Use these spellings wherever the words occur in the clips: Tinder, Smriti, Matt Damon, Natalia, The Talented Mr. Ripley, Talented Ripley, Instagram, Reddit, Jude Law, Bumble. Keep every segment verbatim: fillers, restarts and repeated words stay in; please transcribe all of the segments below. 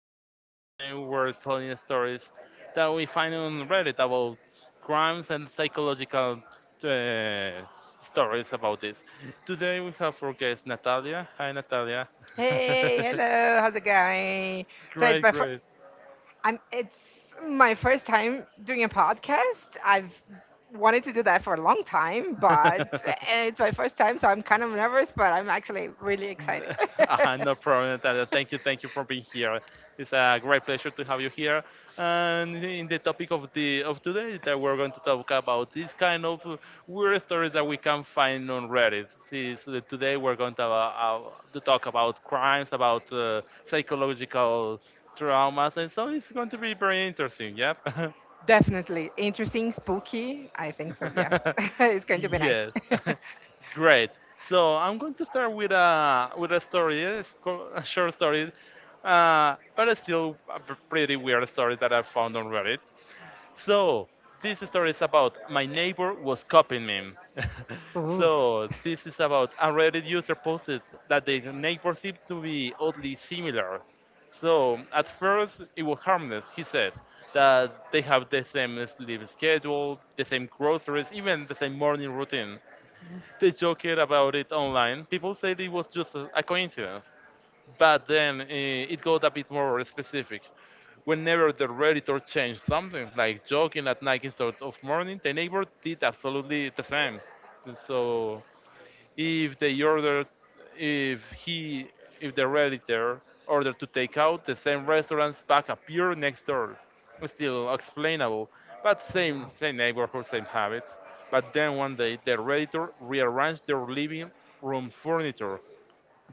Daniel, and today we're telling stories that we find on Reddit about crimes and psychological uh, stories about this. Today we have our guest Natalia. Hi, Natalia. Hey, hello, how's it going? So it's Great, my first. great. I'm. It's my first time doing a podcast. I've wanted to do that for a long time, but it's my first time, so I'm kind of nervous, but I'm actually really excited. N- Uh, no problem, Natalia. Thank you, thank you for being here. It's a great pleasure to have you here. And in the topic of the of today, that we're going to talk about these kind of weird stories that we can find on Reddit. See, so that today we're going to, uh, uh, to talk about crimes, about uh, psychological traumas, and so it's going to be very interesting. Yep. Definitely interesting, spooky. I think so. Yeah, it's going to be nice. Yes. Great. So I'm going to start with a with a story. eh? It's co- a short story, uh, but it's still a p- pretty weird story that I found on Reddit. So this story is about my neighbor was copying me. Ooh. So this is about a Reddit user posted that the neighbor seemed to be oddly similar. So at first it was harmless. He said that they have the same sleep schedule, the same groceries, even the same morning routine. They joked about it online. People said it was just a a coincidence, but then uh, it got a bit more specific. Whenever the Redditor changed something, like joking at night instead of morning, the neighbor did absolutely the same. So if they ordered, if he, if the Redditor ordered to take out, the same restaurant's back appeared next door. Still explainable, but same same neighborhood, same habits. But then one day, the Redditor rearranged their living room furniture.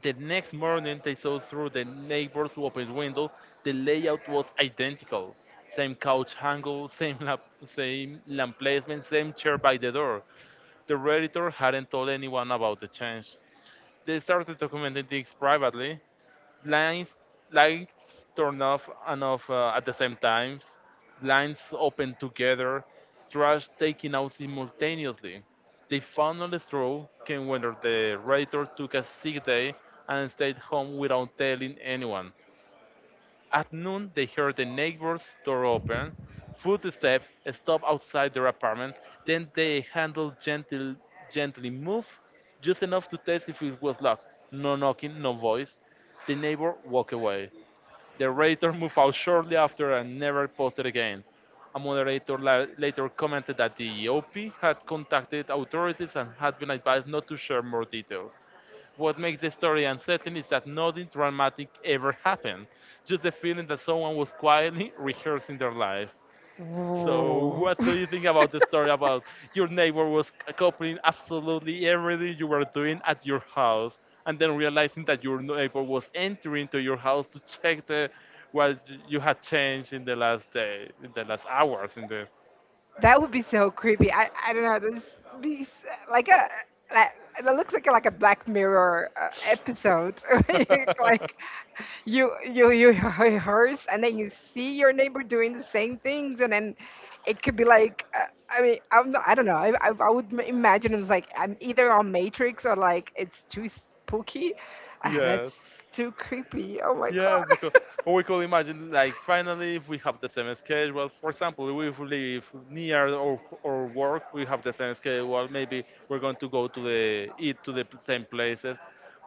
The next morning, they saw through the neighbor's open window the layout was identical. Same couch angle, same lamp, same lamp placement, same chair by the door. The editor hadn't told anyone about the change. They started documenting things privately. Blinds, lights turn off and off uh, at the same time. Blinds open together. Trash taken out simultaneously. They found on the straw came when the radiator took a sick day and stayed home without telling anyone. At noon, they heard the neighbor's door open, footsteps stop outside their apartment, then the handle gently, gently moved, just enough to test if it was locked. No knocking, no voice. The neighbor walked away. The radiator moved out shortly after and never posted again. A moderator la- later commented that the O P had contacted authorities and had been advised not to share more details. What makes the story unsettling is that nothing dramatic ever happened, just the feeling that someone was quietly rehearsing their life. Ooh. So, what do you think about the story about your neighbor was copying absolutely everything you were doing at your house, and then realizing that your neighbor was entering to your house to check the what you had changed in the last day, in the last hours, in the That would be so creepy. I, I don't know. This be s- like a like, That looks like a, like a Black Mirror uh, episode. Like you you you rehearse and then you see your neighbor doing the same things, and then it could be like uh, I mean, I'm not, I don't know. I, I I would m- imagine it was like I'm either on Matrix or like it's too spooky. Ah, that's yes. too creepy. Oh my Yes, because we could imagine like finally if we have the same schedule. Well, for example, if we live god. near or or work, we have the same schedule. Well, maybe we're going to go to the eat to the same places.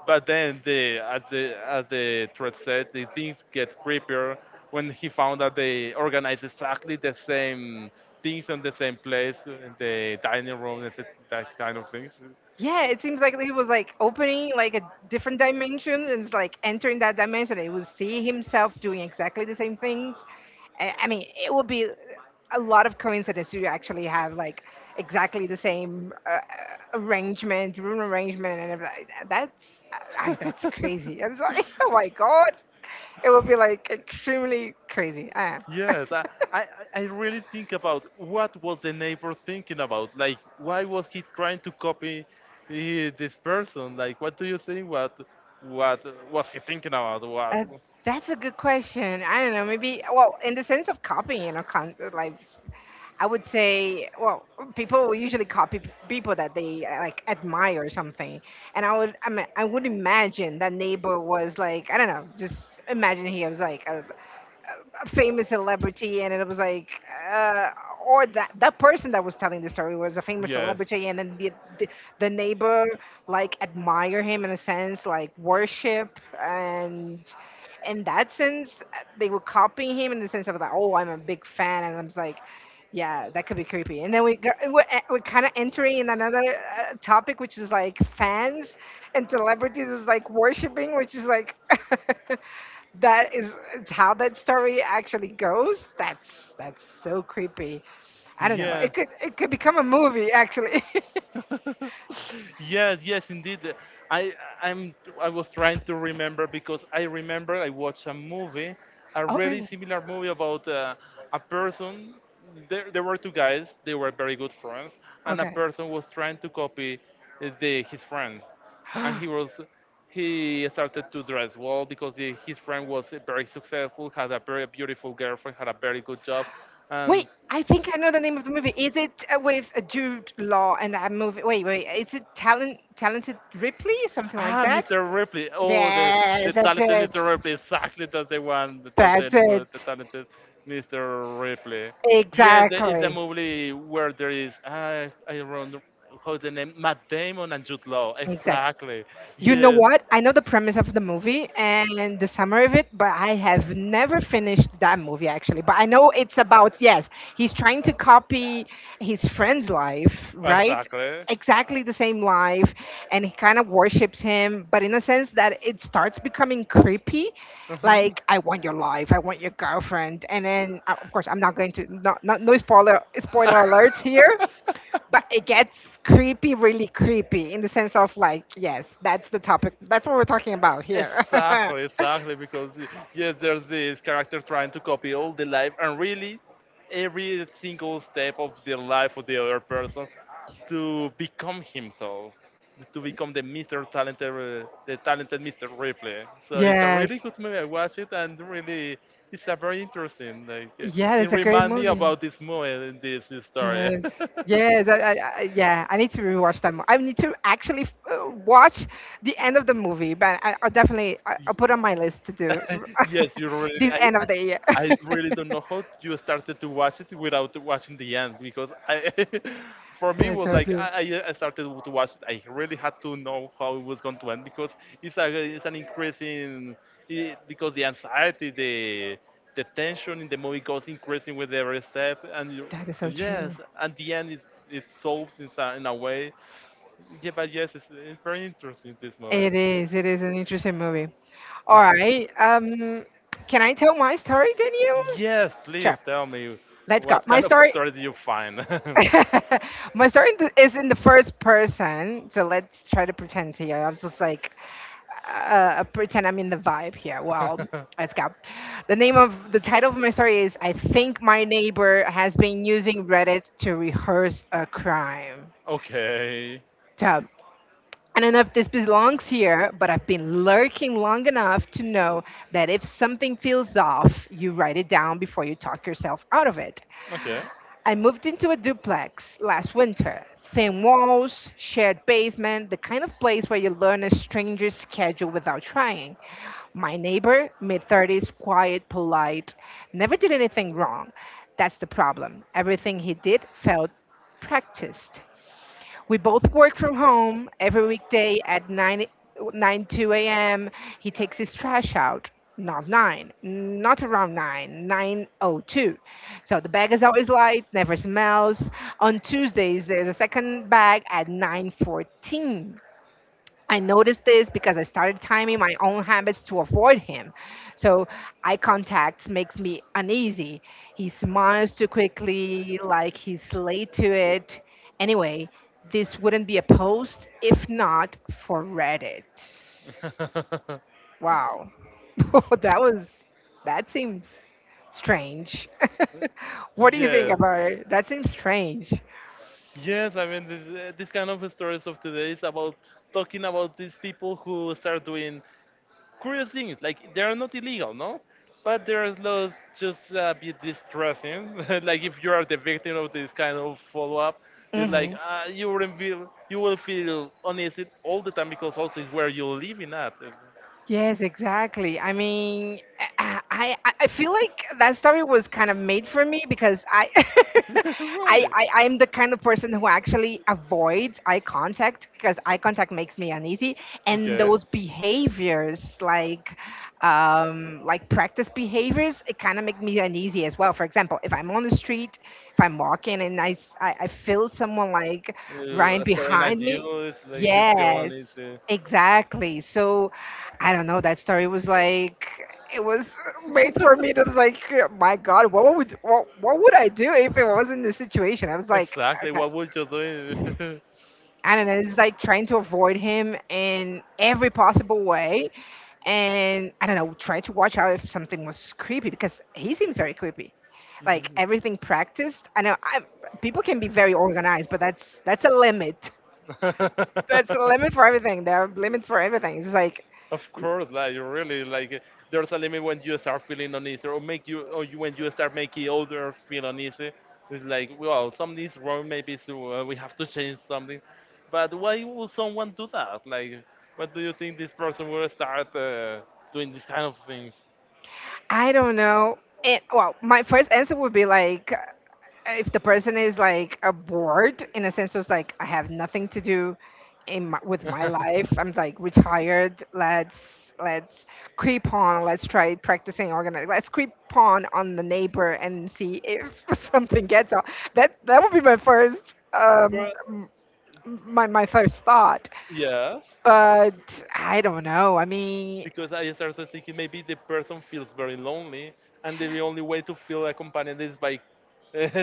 But then the as the as the thread said, the things get creepier when he found that they organized exactly the same things on the same place, in the dining room, and that kind of things. Yeah, it seems like he was like opening like a different dimension, and it's like entering that dimension. He would see himself doing exactly the same things. I I mean, it would be a lot of coincidence to actually have like exactly the same uh, uh, arrangement, room arrangement, and everything. That's I, that's crazy. I was like, oh my god, it would be like extremely crazy. Uh. Yes, I, I, I really think about what was the neighbor thinking about. Like, why was he trying to copy uh, this person? Like, what do you think? What what was he thinking about? What? Uh, that's a good question. I don't know. Maybe, well, in the sense of copying or con- like, I would say, well, people will usually copy p- people that they uh, like admire or something. And I would, I mean, I would imagine that neighbor was like, I don't know, just imagine he was like a a famous celebrity, and it was like uh, or that that person that was telling the story was a famous Yes, celebrity, and then the, the the neighbor like admire him in a sense like worship, and in that sense uh, they were copying him in the sense of like, oh, I'm a big fan and I'm like, yeah, that could be creepy. And then we go, we're, e- we're kind of entering in another uh, topic, which is like fans and celebrities is like worshiping, which is like that is it's how that story actually goes. That's that's so creepy. I don't know. yes. It could it could become a movie actually. Yes, yes, indeed. I I'm I was trying to remember because I remember I watched a movie, a Oh really really? similar movie about uh, a person. There, there were two guys. They were very good friends, and a Okay. person was trying to copy uh, the his friend, and he was he started to dress well because the, his friend was very successful, had a very beautiful girlfriend, had a very good job, Wait, and I think I know the name of the movie. Is it uh, with uh, Jude Law and that movie? Wait, wait. Is it Talent Talented Ripley? Something like Ah, that? mister Ripley. Oh, the the Yes, that's talented it. mister Ripley. Exactly, that's the one. That's the That's mo- the it. talented mister Ripley. Yes, there is a Exactly. movie where there is I I don't how the name Matt Damon and Jude Law. Exactly. You know Yes, what? I know the premise of the movie and the summary of it, but I have never finished that movie actually. But I know it's about, yes, he's trying to copy his friend's life, right? exactly. Exactly the same life, and he kind of worships him, but in a sense that it starts becoming creepy. Mhm. Like, I want your life, I want your girlfriend. And then, uh, of course, I'm not going to, not, not, no spoiler, spoiler alerts here, but it gets creepy, really creepy, in the sense of like, yes, that's the topic. That's what we're talking about here. Exactly, exactly. Because y- yes, there's this character trying to copy all the life and really every single step of the life of the other person to become himself, to become the mister Talented, uh, the talented mister Ripley. So it's a Yes, really good movie. I watched it and really, it's a very interesting. Like uh, yeah, It it's a great reminded me movie. about this movie, and this, this story. Yes. Yes. I, I, I, yeah. I need to rewatch that. mo- I need to actually uh, watch the end of the movie, but I, I'll definitely, I, I'll put on my list to do Yes, you really. this I, end I, of the year. I really don't know how you started to watch it without watching the end because I, for me, it Yes, was I like do. I, I I started to watch. It. I really had to know how it was going to end because it's a, it's an increase in I because the anxiety, the the tension in the movie goes increasing with every step, and you, That is so yes, true. at the end it it solves in, a- in a way. Yeah, but yes, it's, it's very interesting this movie. It is. It is an interesting movie. All right. Um, can I tell my story, Daniel? Yes, please Sure. tell me Let's go. what My kind of story. story do you find? My story th- is in the first person, so let's try to pretend here. I'm just like uh, uh, pretend I'm in the vibe here. Well, let's go. The name of the title of my story is "I think my neighbor has been using Reddit to rehearse a crime." Okay. So I don't know if this belongs here, but I've been lurking long enough to know that if something feels off, you write it down before you talk yourself out of it. Okay. I moved into a duplex last winter. Thin walls, shared basement, the kind of place where you learn a stranger's schedule without trying. My neighbor, mid thirties, quiet, polite, never did anything wrong. That's the problem. Everything he did felt practiced. We both work from home every weekday at nine a m. He takes his trash out, not nine, not around nine, nine oh two. So the bag is always light, never smells. On Tuesdays, there's a second bag at nine fourteen. I noticed this because I started timing my own habits to avoid him. So eye contact makes me uneasy. He smiles too quickly, like he's late to it. Anyway, this wouldn't be a post if not for Reddit. Wow. that was, that seems strange. What do you think Yes. about it? That seems strange. Yes, I mean, this, uh, this kind of stories of today is about talking about these people who start doing curious things like they are not illegal no but they're those just a bit distressing like if you are the victim of this kind of follow-up it's like Hmm. uh, you wouldn't feel you will feel uneasy all the time because also it's where you're living at Yes, exactly. I mean, I I, I I feel like that story was kind of made for me because I, I right. I I'm the kind of person who actually avoids eye contact because eye contact makes me uneasy, and Okay. those behaviors like um like practice behaviors, it kind of make me uneasy as well. For example, if I'm on the street, if I'm walking and I s- I, I feel someone like You right uh, staring at behind me, you it's like you feel yes. uneasy. Exactly. So I don't know. That story was like it was made for me. It was like, my God, what would what, what would I do if it wasn't the situation? I was like, Exactly okay, what would you do? I don't know. It's like trying to avoid him in every possible way, and I don't know. Try to watch out if something was creepy because he seems very creepy. Like everything practiced. I know I, people can be very organized, but that's that's a limit. Mhm. That's a limit for everything. There are limits for everything. It's like Of course, like you really like there's a limit when you start feeling uneasy, or make you, or you, when you start making others feel uneasy. It's like, well, something's wrong, maybe so uh, we have to change something. But why would someone do that? Like, what do you think this person will start uh, doing these kind of things? I don't know. And well, my first answer would be like uh, if the person is like a bored in a sense, it's like I have nothing to do in my, with my life. I'm like retired. Let's let's creep on. Let's try practicing organizing. Let's creep on on the neighbor and see if something gets on. That that would be my first um But, m- my my first thought. yes. But I don't know. I mean, Because I started thinking maybe the person feels very lonely, and the only way to feel accompanied is by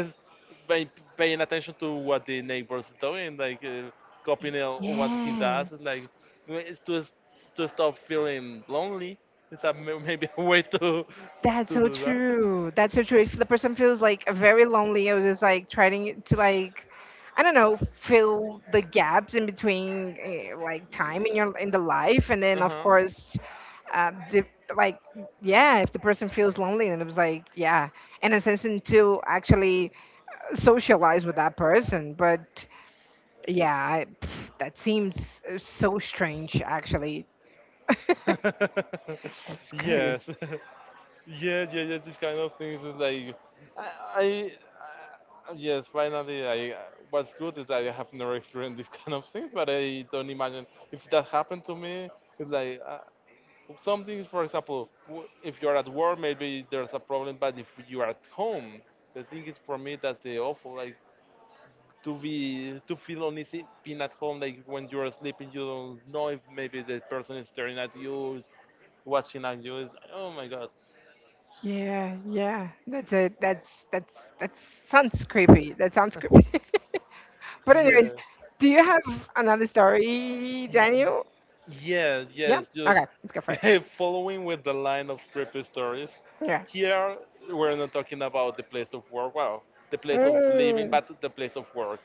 by paying attention to what the neighbor's doing, like uh, copying uh, what he does, like yes. it's to to stop feeling lonely. It's a, may- maybe a way to to, That's to so do that. true. That's so true. If the person feels like very lonely, I was just like trying to like, I don't know, fill the gaps in between eh, like time in your in the life, and then of Uh course, uh, di- like yeah, if the person feels lonely, then it was like yeah, and a sense in to actually uh, socialize with that person. But yeah, I, pff, that seems uh, so strange actually. huh. It's crazy. Yes. Yeah, yeah, yeah. These kind of things is like, I, I uh, yes, finally, I. What's good is I have never experienced these kind of things, but I don't imagine if that happened to me. It's like uh, Something, for example, w- if you're at work, maybe there's a problem, but if you are at home, the thing is for me that's the awful, like to be to feel uneasy being at home, like when you're sleeping, you don't know if maybe the person is staring at you, is watching at you. It's, like, oh my Yeah, yeah. That's a that's that's that sounds creepy. That sounds creepy. But anyways, god. do you have another story, Daniel? Yes, Yeah. yes, just Okay, let's go for it. following with the line of creepy stories. Yeah. Here, we're not talking about the place of work, well, the place of living, Mm. but the place of work.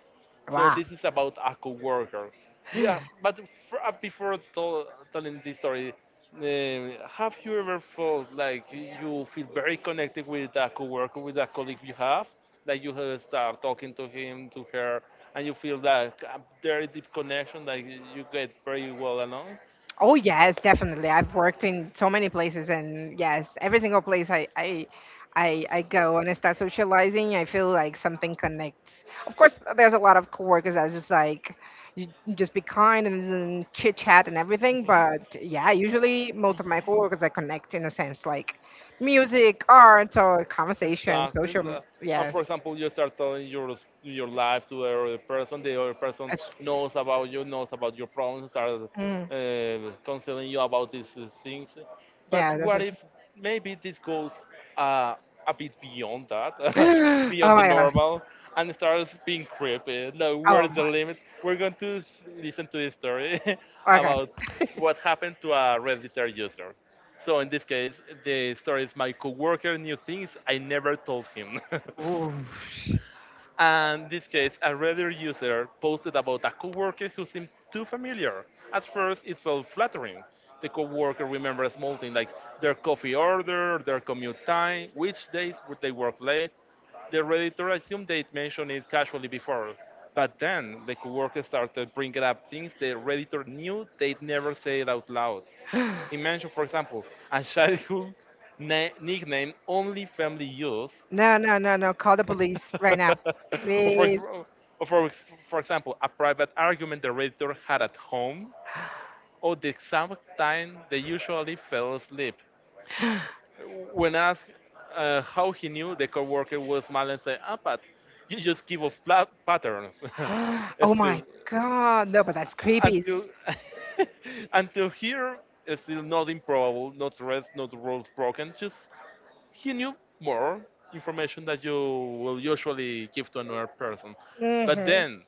So Wow. this is about a coworker. Yeah, but f- uh, before tell telling this story, uh, have you ever felt like you feel very connected with a coworker, with a colleague you have? That you have start talking to him, to her, and you feel that a very deep connection that you you get very well along. Oh yes, definitely. I've worked in so many places, and yes, every single place I I I, I go and I start socializing, I feel like something connects. Of course, there's a lot of coworkers that just like you you just be kind and chit chat and everything. But yeah, usually most of my Mhm. coworkers I connect in a sense like music, art, or conversation, Exactly. social. uh, And Yes, for example, you start telling your your life to the other person. The other person as, knows about you, knows about your problems, start mm, uh, considering you about these uh, things. But yeah, that's. what What, if maybe this goes uh, a bit beyond that, Oh beyond the my god. normal, and starts being creepy? No, Oh where's the limit? We're going to s- listen to this story my. Okay. about what happened to a Redditor user. So in this case, the story is my coworker knew things I never told him. Oof. And in this case, a Reddit user posted about a coworker who seemed too familiar. At first, it felt flattering. The coworker remembers small things like their coffee order, their commute time, which days would they work late. The Redditor assumed they'd mentioned it casually before. But then the coworker started bringing up things the Redditor knew they'd never say it out loud. He mentioned, for example, a childhood na- nickname only family use, No, no, no, no. Call the police right now, or, for, ex- please. or for, ex- for example, a private argument the reader had at home, or the exact time they usually fell asleep. When asked uh, how he knew, the coworker would smile and say, "Ah, but you just give us pla- patterns." Oh Still, my God. No, but that's creepy. until It's- until here, it's still not improbable, not rest, not rules broken, just he knew more information that you will usually give to another person. But Hmm. then,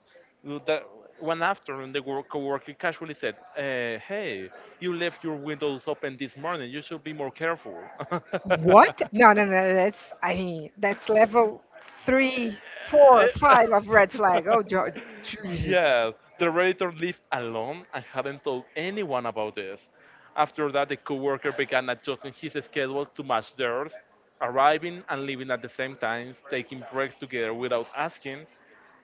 that one afternoon, the work coworker casually said, uh, "Hey, you left your windows open this morning. You should be more careful." What? No, no, no. No, that's, I mean, that's level three, four, five of red flag. Oh, Jo- Jesus. Yeah, the Redditor lived alone and hadn't told anyone about this. After that, the coworker began adjusting his schedule to match theirs, arriving and leaving at the same times, taking breaks together without asking.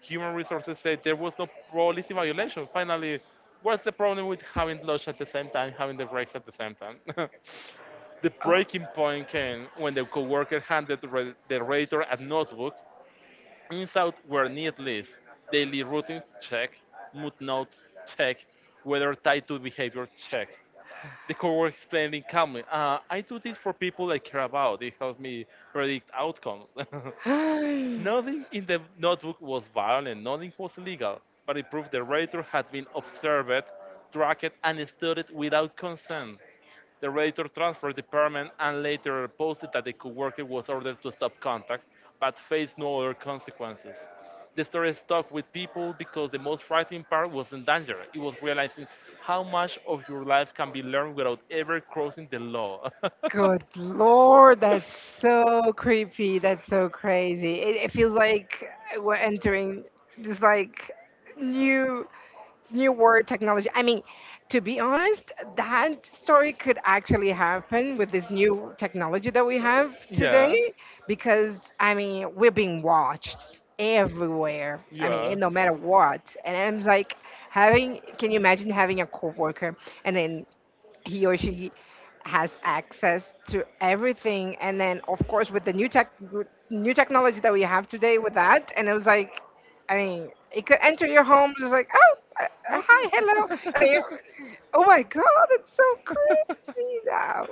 Human resources said there was no policy violation. Finally, what's the problem with having lunch at the same time, having the breaks at the same time? The breaking point came when the coworker handed the re- the Redditor a notebook. Insights were need lists, daily routines check, mood notes check, weather tied to behavior check. The coworker explaining calmly, uh, I do this for people I care about. It helps me predict outcomes. Nothing in the notebook was violent, nothing was illegal, but it proved the radiator had been observed, tracked, and studied without consent. The radiator transferred department and later posted that the coworker was ordered to stop contact, but faced no other consequences. The story stuck with people because the most frightening part wasn't danger. It was realizing how much of your life can be learned without ever crossing the law. Good Lord, that's so creepy. That's so crazy. It, it feels like we're entering this like new new world technology. I mean, to be honest, that story could actually happen with this new technology that we have, yeah, Yes, today, because I mean, we're being watched everywhere. I, yeah, yeah. mean, no matter what. And I'm like having, can you imagine having a coworker, and then he or she has access to everything, and then of course with the new tech with new technology that we have today with that, and it was like, I mean, it could enter your home just like, oh, uh, uh, Yep. hi, hello, and then you, oh my god, it's so crazy now.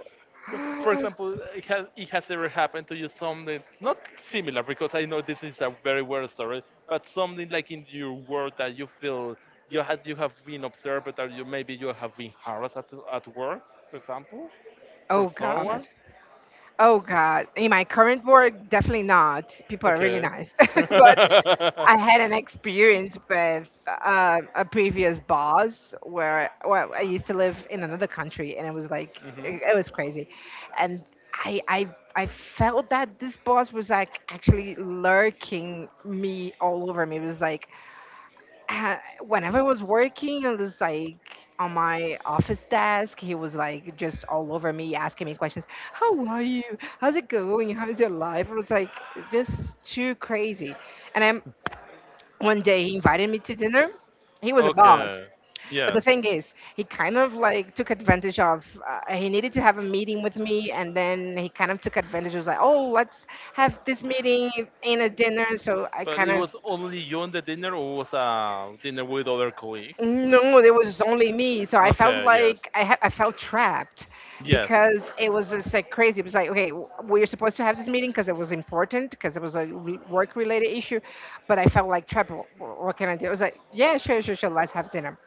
For example, it has, it has ever happened to you something not similar, because I know this is a very weird story, but something like in your work that you feel you had you have been observed, or you maybe you have been harassed at, at work, for example, for Oh god, someone. oh god. In my current work, definitely not. People are really Okay. nice, but I had an experience with um, a previous boss where, well, I used to live in another country, and it was like Hmm. it, it was crazy, and I I I felt that this boss was like actually lurking me all over me. It was like uh, whenever I was working, I was like on my office desk. He was like just all over me, asking me questions. How are you? How's it going? How's your life? It was like just too crazy and I'm One day he invited me to dinner. He was a boss. Okay. But Yes. the thing is, he kind of like took advantage of. Uh, He needed to have a meeting with me, and then he kind of took advantage. He was like, oh, let's have this meeting in a dinner. So I But kind it of was only you on the dinner, or was a dinner with other colleagues? no, there was only me. So I felt Okay, yes. like I ha- I felt trapped Yes. because it was just like crazy. It was like okay, w- we were supposed to have this meeting because it was important because it was a re- work related issue, but I felt like trapped. Wh- wh- What can I do? It was like yeah, sure, sure, sure. Let's have dinner.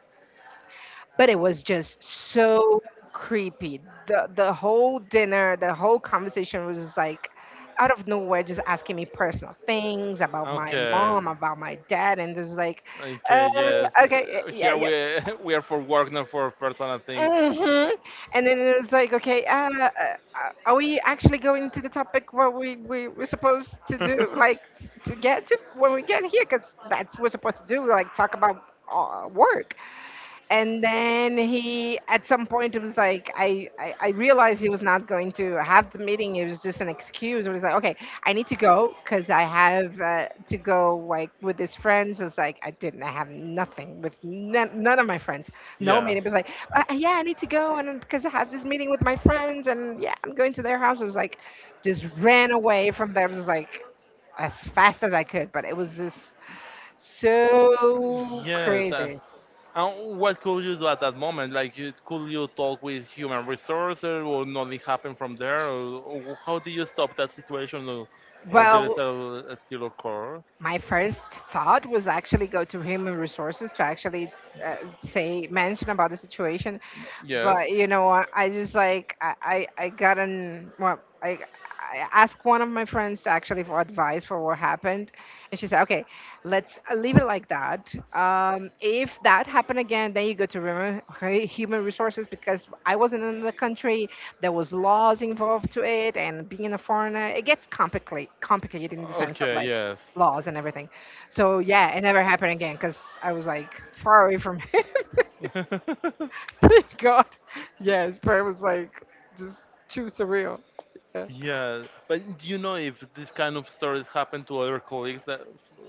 But it was just so creepy. The the whole dinner, the whole conversation was just like out of nowhere, just asking me personal things about my Okay. mom, about my dad, and just like, uh, Okay, yes. okay, Uh, yeah, here yeah, we we are for work, not for personal things. mm-hmm. And then it was like, okay, uh, uh, uh, are we actually going to the topic where we we were supposed to do, like, t- to get to when we get here, because that's what we're supposed to do, like, talk about uh, work. And then he at some point it was like I, I i realized he was not going to have the meeting. It was just an excuse. It was like okay, I need to go because I have uh, to go like with his friends. It's like i didn't I have nothing with none, none of my friends. No Yeah. meeting. It was like uh, yeah, I need to go and because I have this meeting with my friends and yeah, I'm going to their house. It was like just ran away from there. It was like as fast as I could, but it was just so Yes. Uh, crazy. and what could you do at that moment? Like, you, could you talk with human resources, or nothing happen from there? Or, or how do you stop that situation? Or, or there is Well, a, a still occur? my first thought was actually go to human resources to actually uh, say mention about the situation. Yes. But you know what, I just like i i, I got an well i I asked one of my friends to actually for advice for what happened, and she said, "Okay, let's uh, leave it like that. Um, if that happened again, then you go to human human resources because I wasn't in the country. There was laws involved to it, and being a foreigner, it gets complicated, complicated in the sense of Okay. like Yes. laws and everything." So yeah, it never happened again because I was like far away from him. Thank God. Yes, prayer was like just too surreal. Yeah. Yeah, but do you know if this kind of stories happen to other colleagues that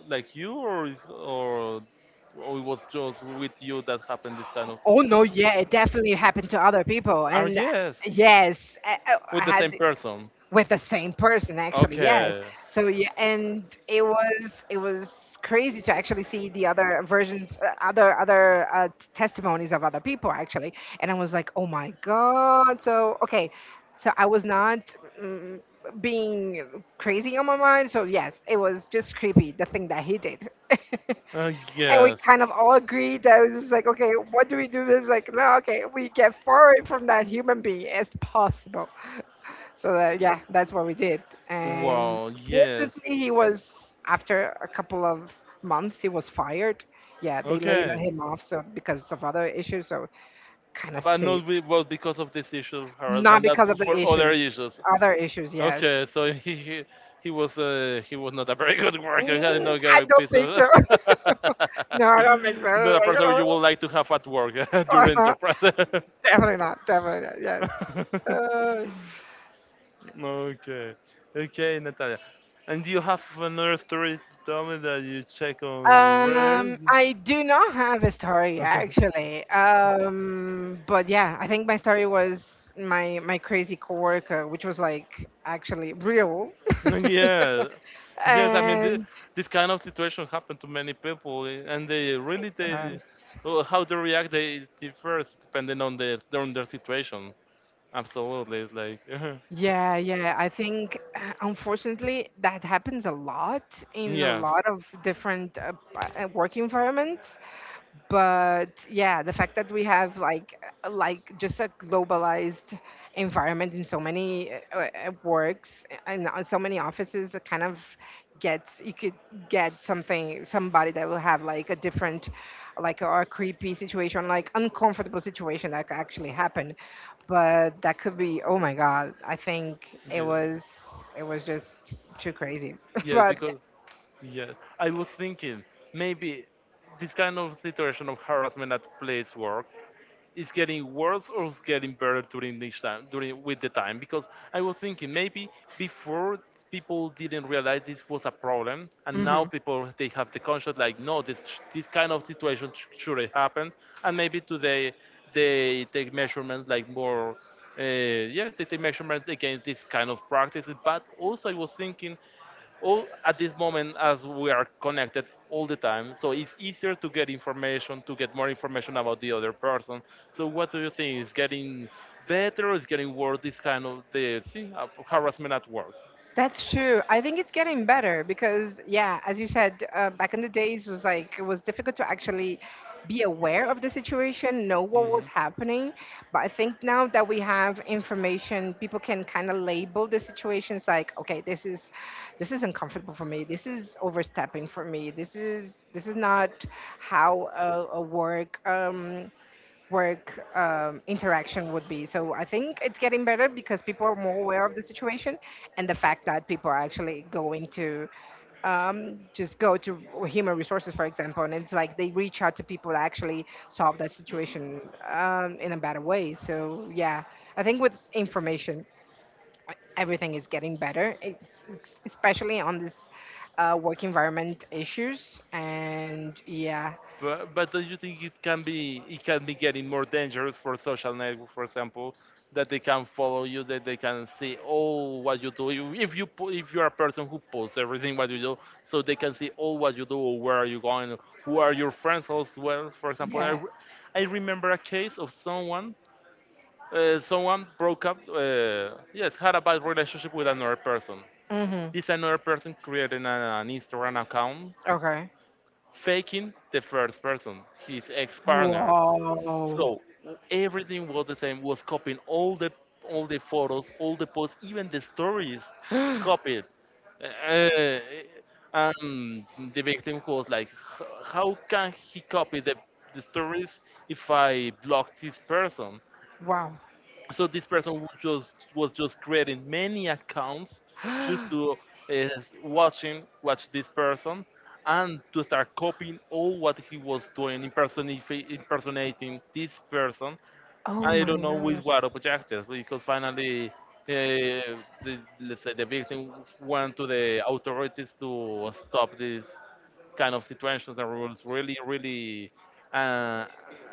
like you, or is- or or it was just with you that happened this kind of thing? Oh no, yeah, it definitely happened to other people, Ah, and yes, yes, I, I I with the same had. person. With the same person actually, yes. Okay. So yeah, and it was it was crazy to actually see the other versions uh, other other uh, t- testimonies of other people actually. And I was like oh my god, so okay, so I was not mm, being crazy on my mind. So yes, it was just creepy the thing that he did and Uh, we yes. kind of all agreed that it was just like okay, what do we do? It's like no, okay, we get far away from that human being as possible. So that, yeah, that's what we did. And Wow. Yes. fortunately, he was after a couple of months, he was fired. Yeah, they laid Okay. him off so because of other issues. So kind of But safe, not be- was because of this issue of not harassment, not because of the for issue. other issues. Other issues, yes. Okay, so he he, he was uh, he was not a very good worker. He did Mm, not get I a don't piece think of so. No, I don't think so. I not a person you would was like to have at work at your like, oh, enterprise. definitely not. Definitely not. Yes. Uh, Okay, okay, Natalia. And do you have another story to tell me that you check on Um, I do not have a story Reddit? actually. Um, but yeah, I think my story was my my crazy coworker, which was like actually real. Mm, yeah, yes. I mean, th And this kind of situation happened to many people, eh, and they it really they does. oh, how they react, they differs depending on their on their situation. Absolutely, it's like Yeah, yeah. I think uh, unfortunately that happens a lot in a yeah, yes, lot of different uh, p- uh, work environments. But yeah, the fact that we have like uh, like just a globalized environment in so many uh, uh, uh, works and uh, so many offices, it kind of gets you could get something somebody that will have like a different like or a creepy situation, like uncomfortable situation that could actually happen. But that could be oh my god, I think it yeah, was it was just too crazy. yes. But Because yeah, I was thinking maybe this kind of situation of harassment at place work, it's getting worse or it's getting better during this time during with the time, because I was thinking maybe before people didn't realize this was a problem, and now people they have the conscience like no, this this kind of situation sh- shouldn't happen, and maybe today they take measurements like more uh, yeah, they take measurements against this kind of practices. But also I was thinking all at this moment as we are connected all the time, so it's easier to get information, to get more information about the other person. So what do you think, is getting better or is getting worse this kind of the thing, uh, harassment at work? that's true. I think it's getting better because, yeah, as you said, uh, back in the days was like it was difficult to actually be aware of the situation, know what was Hmm. happening. But I think now that we have information, people can kind of label the situations like, okay, this is this is uncomfortable for me. This is overstepping for me. This is this is not how a, a work um, work um, interaction would be. So I think it's getting better because people are more aware of the situation and the fact that people are actually going to um, just go to human resources, for example, and it's like they reach out to people to actually solve that situation um, in a better way. So yeah, I think with information, uh, everything is getting better, it's, it's- especially on this uh, work environment issues. And yeah, But, but do you think it can be, it can be getting more dangerous for social network, for example, that they can follow you, that they can see all what you do. You- If you po- if you're a person who posts everything what you do, so they can see all what you do, or where are you going, who are your friends as well. For example, I, yeah. re- I remember a case of someone uh, someone broke up. Uh, yes, had a bad relationship with another person. Mhm. This another person created an, an Instagram account Okay. faking the first person, his ex partner. Wow. So w- everything was the same. Was copying all the all the photos, all the posts, even the stories, copied. Uh, and the victim was like, "H- How can he copy the the stories if I blocked this person?" Wow. So this person was just was just creating many accounts just to uh, watching watch this person and to start copying all what he was doing, impersonif- impersonating this person. Oh I my don't know which god. were the projectors, because finally, uh, the, let's say, the victim went to the authorities to stop this kind of situations and rules. Really, really uh,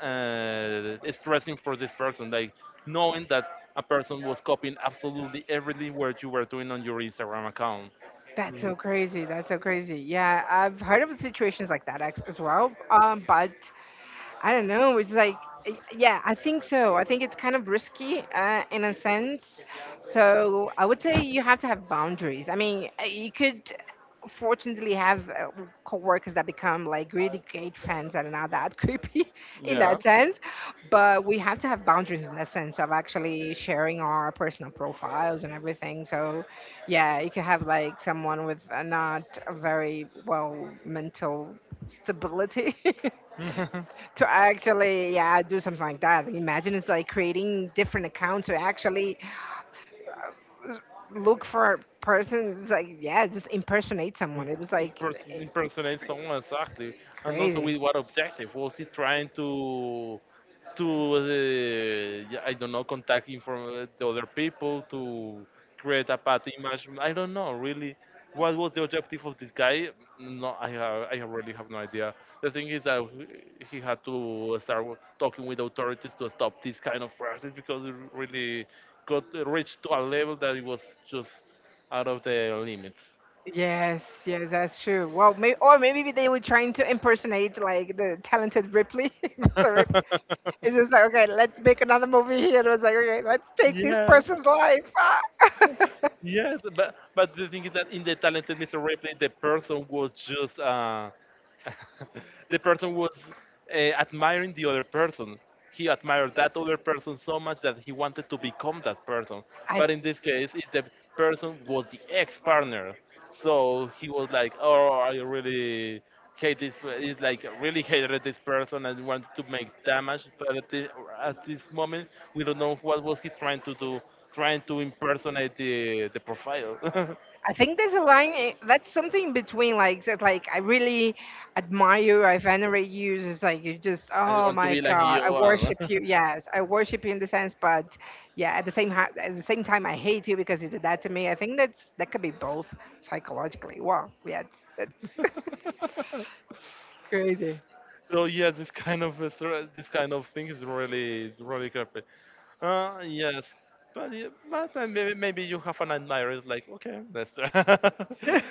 uh, stressing for this person, like knowing that a person was copying absolutely everything what you were doing on your Instagram account. That's Mm, so crazy. That's so crazy. Yeah, I've heard of situations like that ex- as well. Um, but I don't know. It's like, y- yeah, I think so. I think it's kind of risky uh, in a sense. So I would say you have to have boundaries. I mean, uh, you could fortunately have uh, coworkers that become like really great friends and are not that creepy in yeah. that sense. But we have to have boundaries in the sense of actually sharing our personal profiles and everything. So yeah, you could have like someone with uh, not a very well mental stability to actually yeah do something like that. Imagine, it's like creating different accounts to actually look for persons, like yeah just impersonate someone. im- It was like imper- eh, impersonate cra- someone exactly, and also crazy. with what objective? Was he trying to to uh, yeah, I don't know, contact, inform the other people to create a bad image? I don't know really. What was the objective of this guy? No, I have, I really have no idea. The thing is that he he had to start wo- talking with authorities to stop this kind of practice, because it really got uh, reached to a level that it was just out of the limits. Yes, yes, that's true. Well maybe or maybe they were trying to impersonate like the talented Ripley, Mr. Ripley. It's just like okay, let's make another movie here. And it was like okay, let's take this Yeah, person's life. yes, but but the thing is that in the talented Mister Ripley, the person was just uh, the person was uh, admiring the other person. He admired that other Ah. person so much that he wanted to become that person. But in this case, if the person was the ex-partner, so he was like, "Oh, I really hate this. per- It's like really hated this person and wanted to make damage." But at, the, at this moment, we don't know what was he trying to do, trying to impersonate the the profile. I think there's a line eh, that's something in between like said like I really admire you, I venerate you. It's like you just I oh want to my be like god, you. I And worship you. Yes, I worship you in the sense, but yeah, at the same ha- at the same time, I hate you because you did that to me. I think that's that could be both psychologically. Wow, yeah, it's, that's crazy. so yeah, this kind of uh, thre- this kind of thing is really is really creepy. Uh, yes, but yeah, but uh, maybe maybe you have an admirer. It's like okay, that's I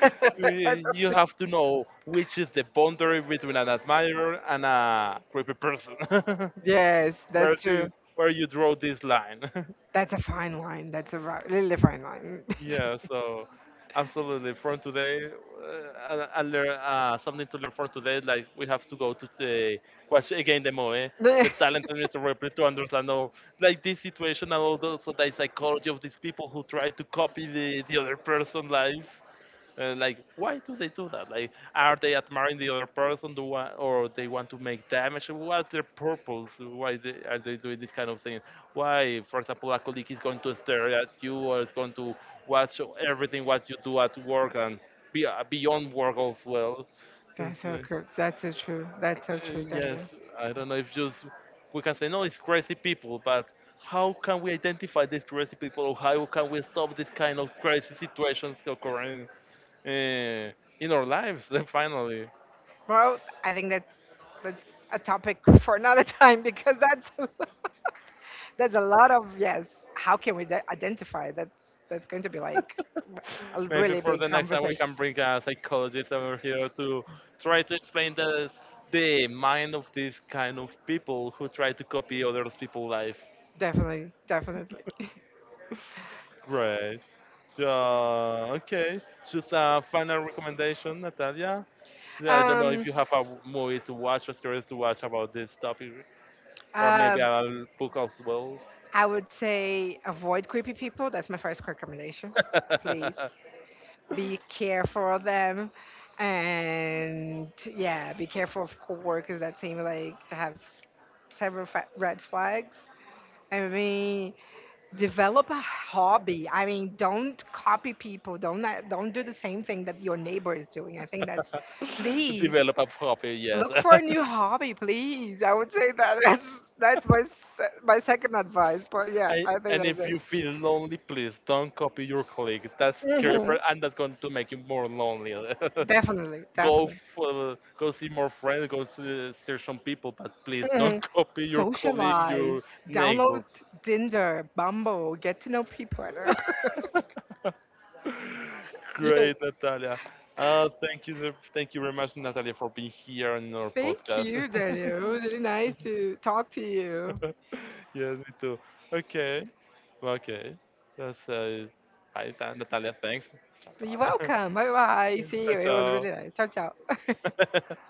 love Y- you it. have to know which is the boundary between an admirer and a creepy person. Yes, where that's do true. you, where you draw this line? That's a fine line. That's a ri- really fine line. Yeah, so absolutely. From today, uh, and, and learn uh, something to learn from today. Like we have to go to the watch again the movie, the talent and Mister Ripley to understand all like this situation, and also the psychology of these people who try to copy the the other person lives. And like, why do they do that? Like, are they admiring the other person, do wa- or they want to make damage? What's their purpose? Why they, are they doing this kind of thing? Why, for example, a colleague is going to stare at you, or is going to watch everything what you do at work, and be, uh, beyond work as well? It's That's so like, true. That's so true. That's so uh, true, yes, Daniel. I don't know if just we can say no, it's crazy people, but how can we identify these crazy people, or how can we stop this kind of crazy situations occurring? Eh, in our lives finally Well, I think that's that's a topic for another time because that's that's a lot of yes. How can we de- identify? That's that's going to be like a maybe really for big the next time we conversation. can bring a psychologist over here to try to explain the the mind of these kind of people who try to copy other people's life. Definitely, definitely. Great. Uh, okay, just a final recommendation, Natalia. Yeah, I don't know Um, if you have a movie to watch or series to watch about this topic, or maybe um, a book as well. I would say avoid creepy people. That's my first recommendation. Please be careful of them. And yeah, be careful of coworkers that seem like they have several fa- red flags. I mean, develop a hobby. I mean, don't copy people. Don't uh, don't do the same thing that your neighbor is doing. I think that's, please Develop a hobby, yes. look for a new hobby, please. I would say that that's that's my se- my second advice. But yeah, I, I think and that's if it. you feel lonely, please don't copy your colleague. That's Mhm. creeper, and that's going to make you more lonely. Definitely, Go definitely. for, go see more friends, go see, search some people, but please don't Mm. copy your colleague, your Socialize, neighbor. download Tinder, Bumble, get to know people. I don't know. Great, Natalia. Uh, thank you, ver- thank you very much, Natalia, for being Yeah. here on our Thank podcast. you, Daniel. It was really nice to talk to you. Yes, me too. Okay, okay. That's uh, hi, Ta- Natalia. Thanks. Ciao, You're ciao. welcome. Bye bye. See you. It was really nice. Ciao, ciao. Ciao, ciao.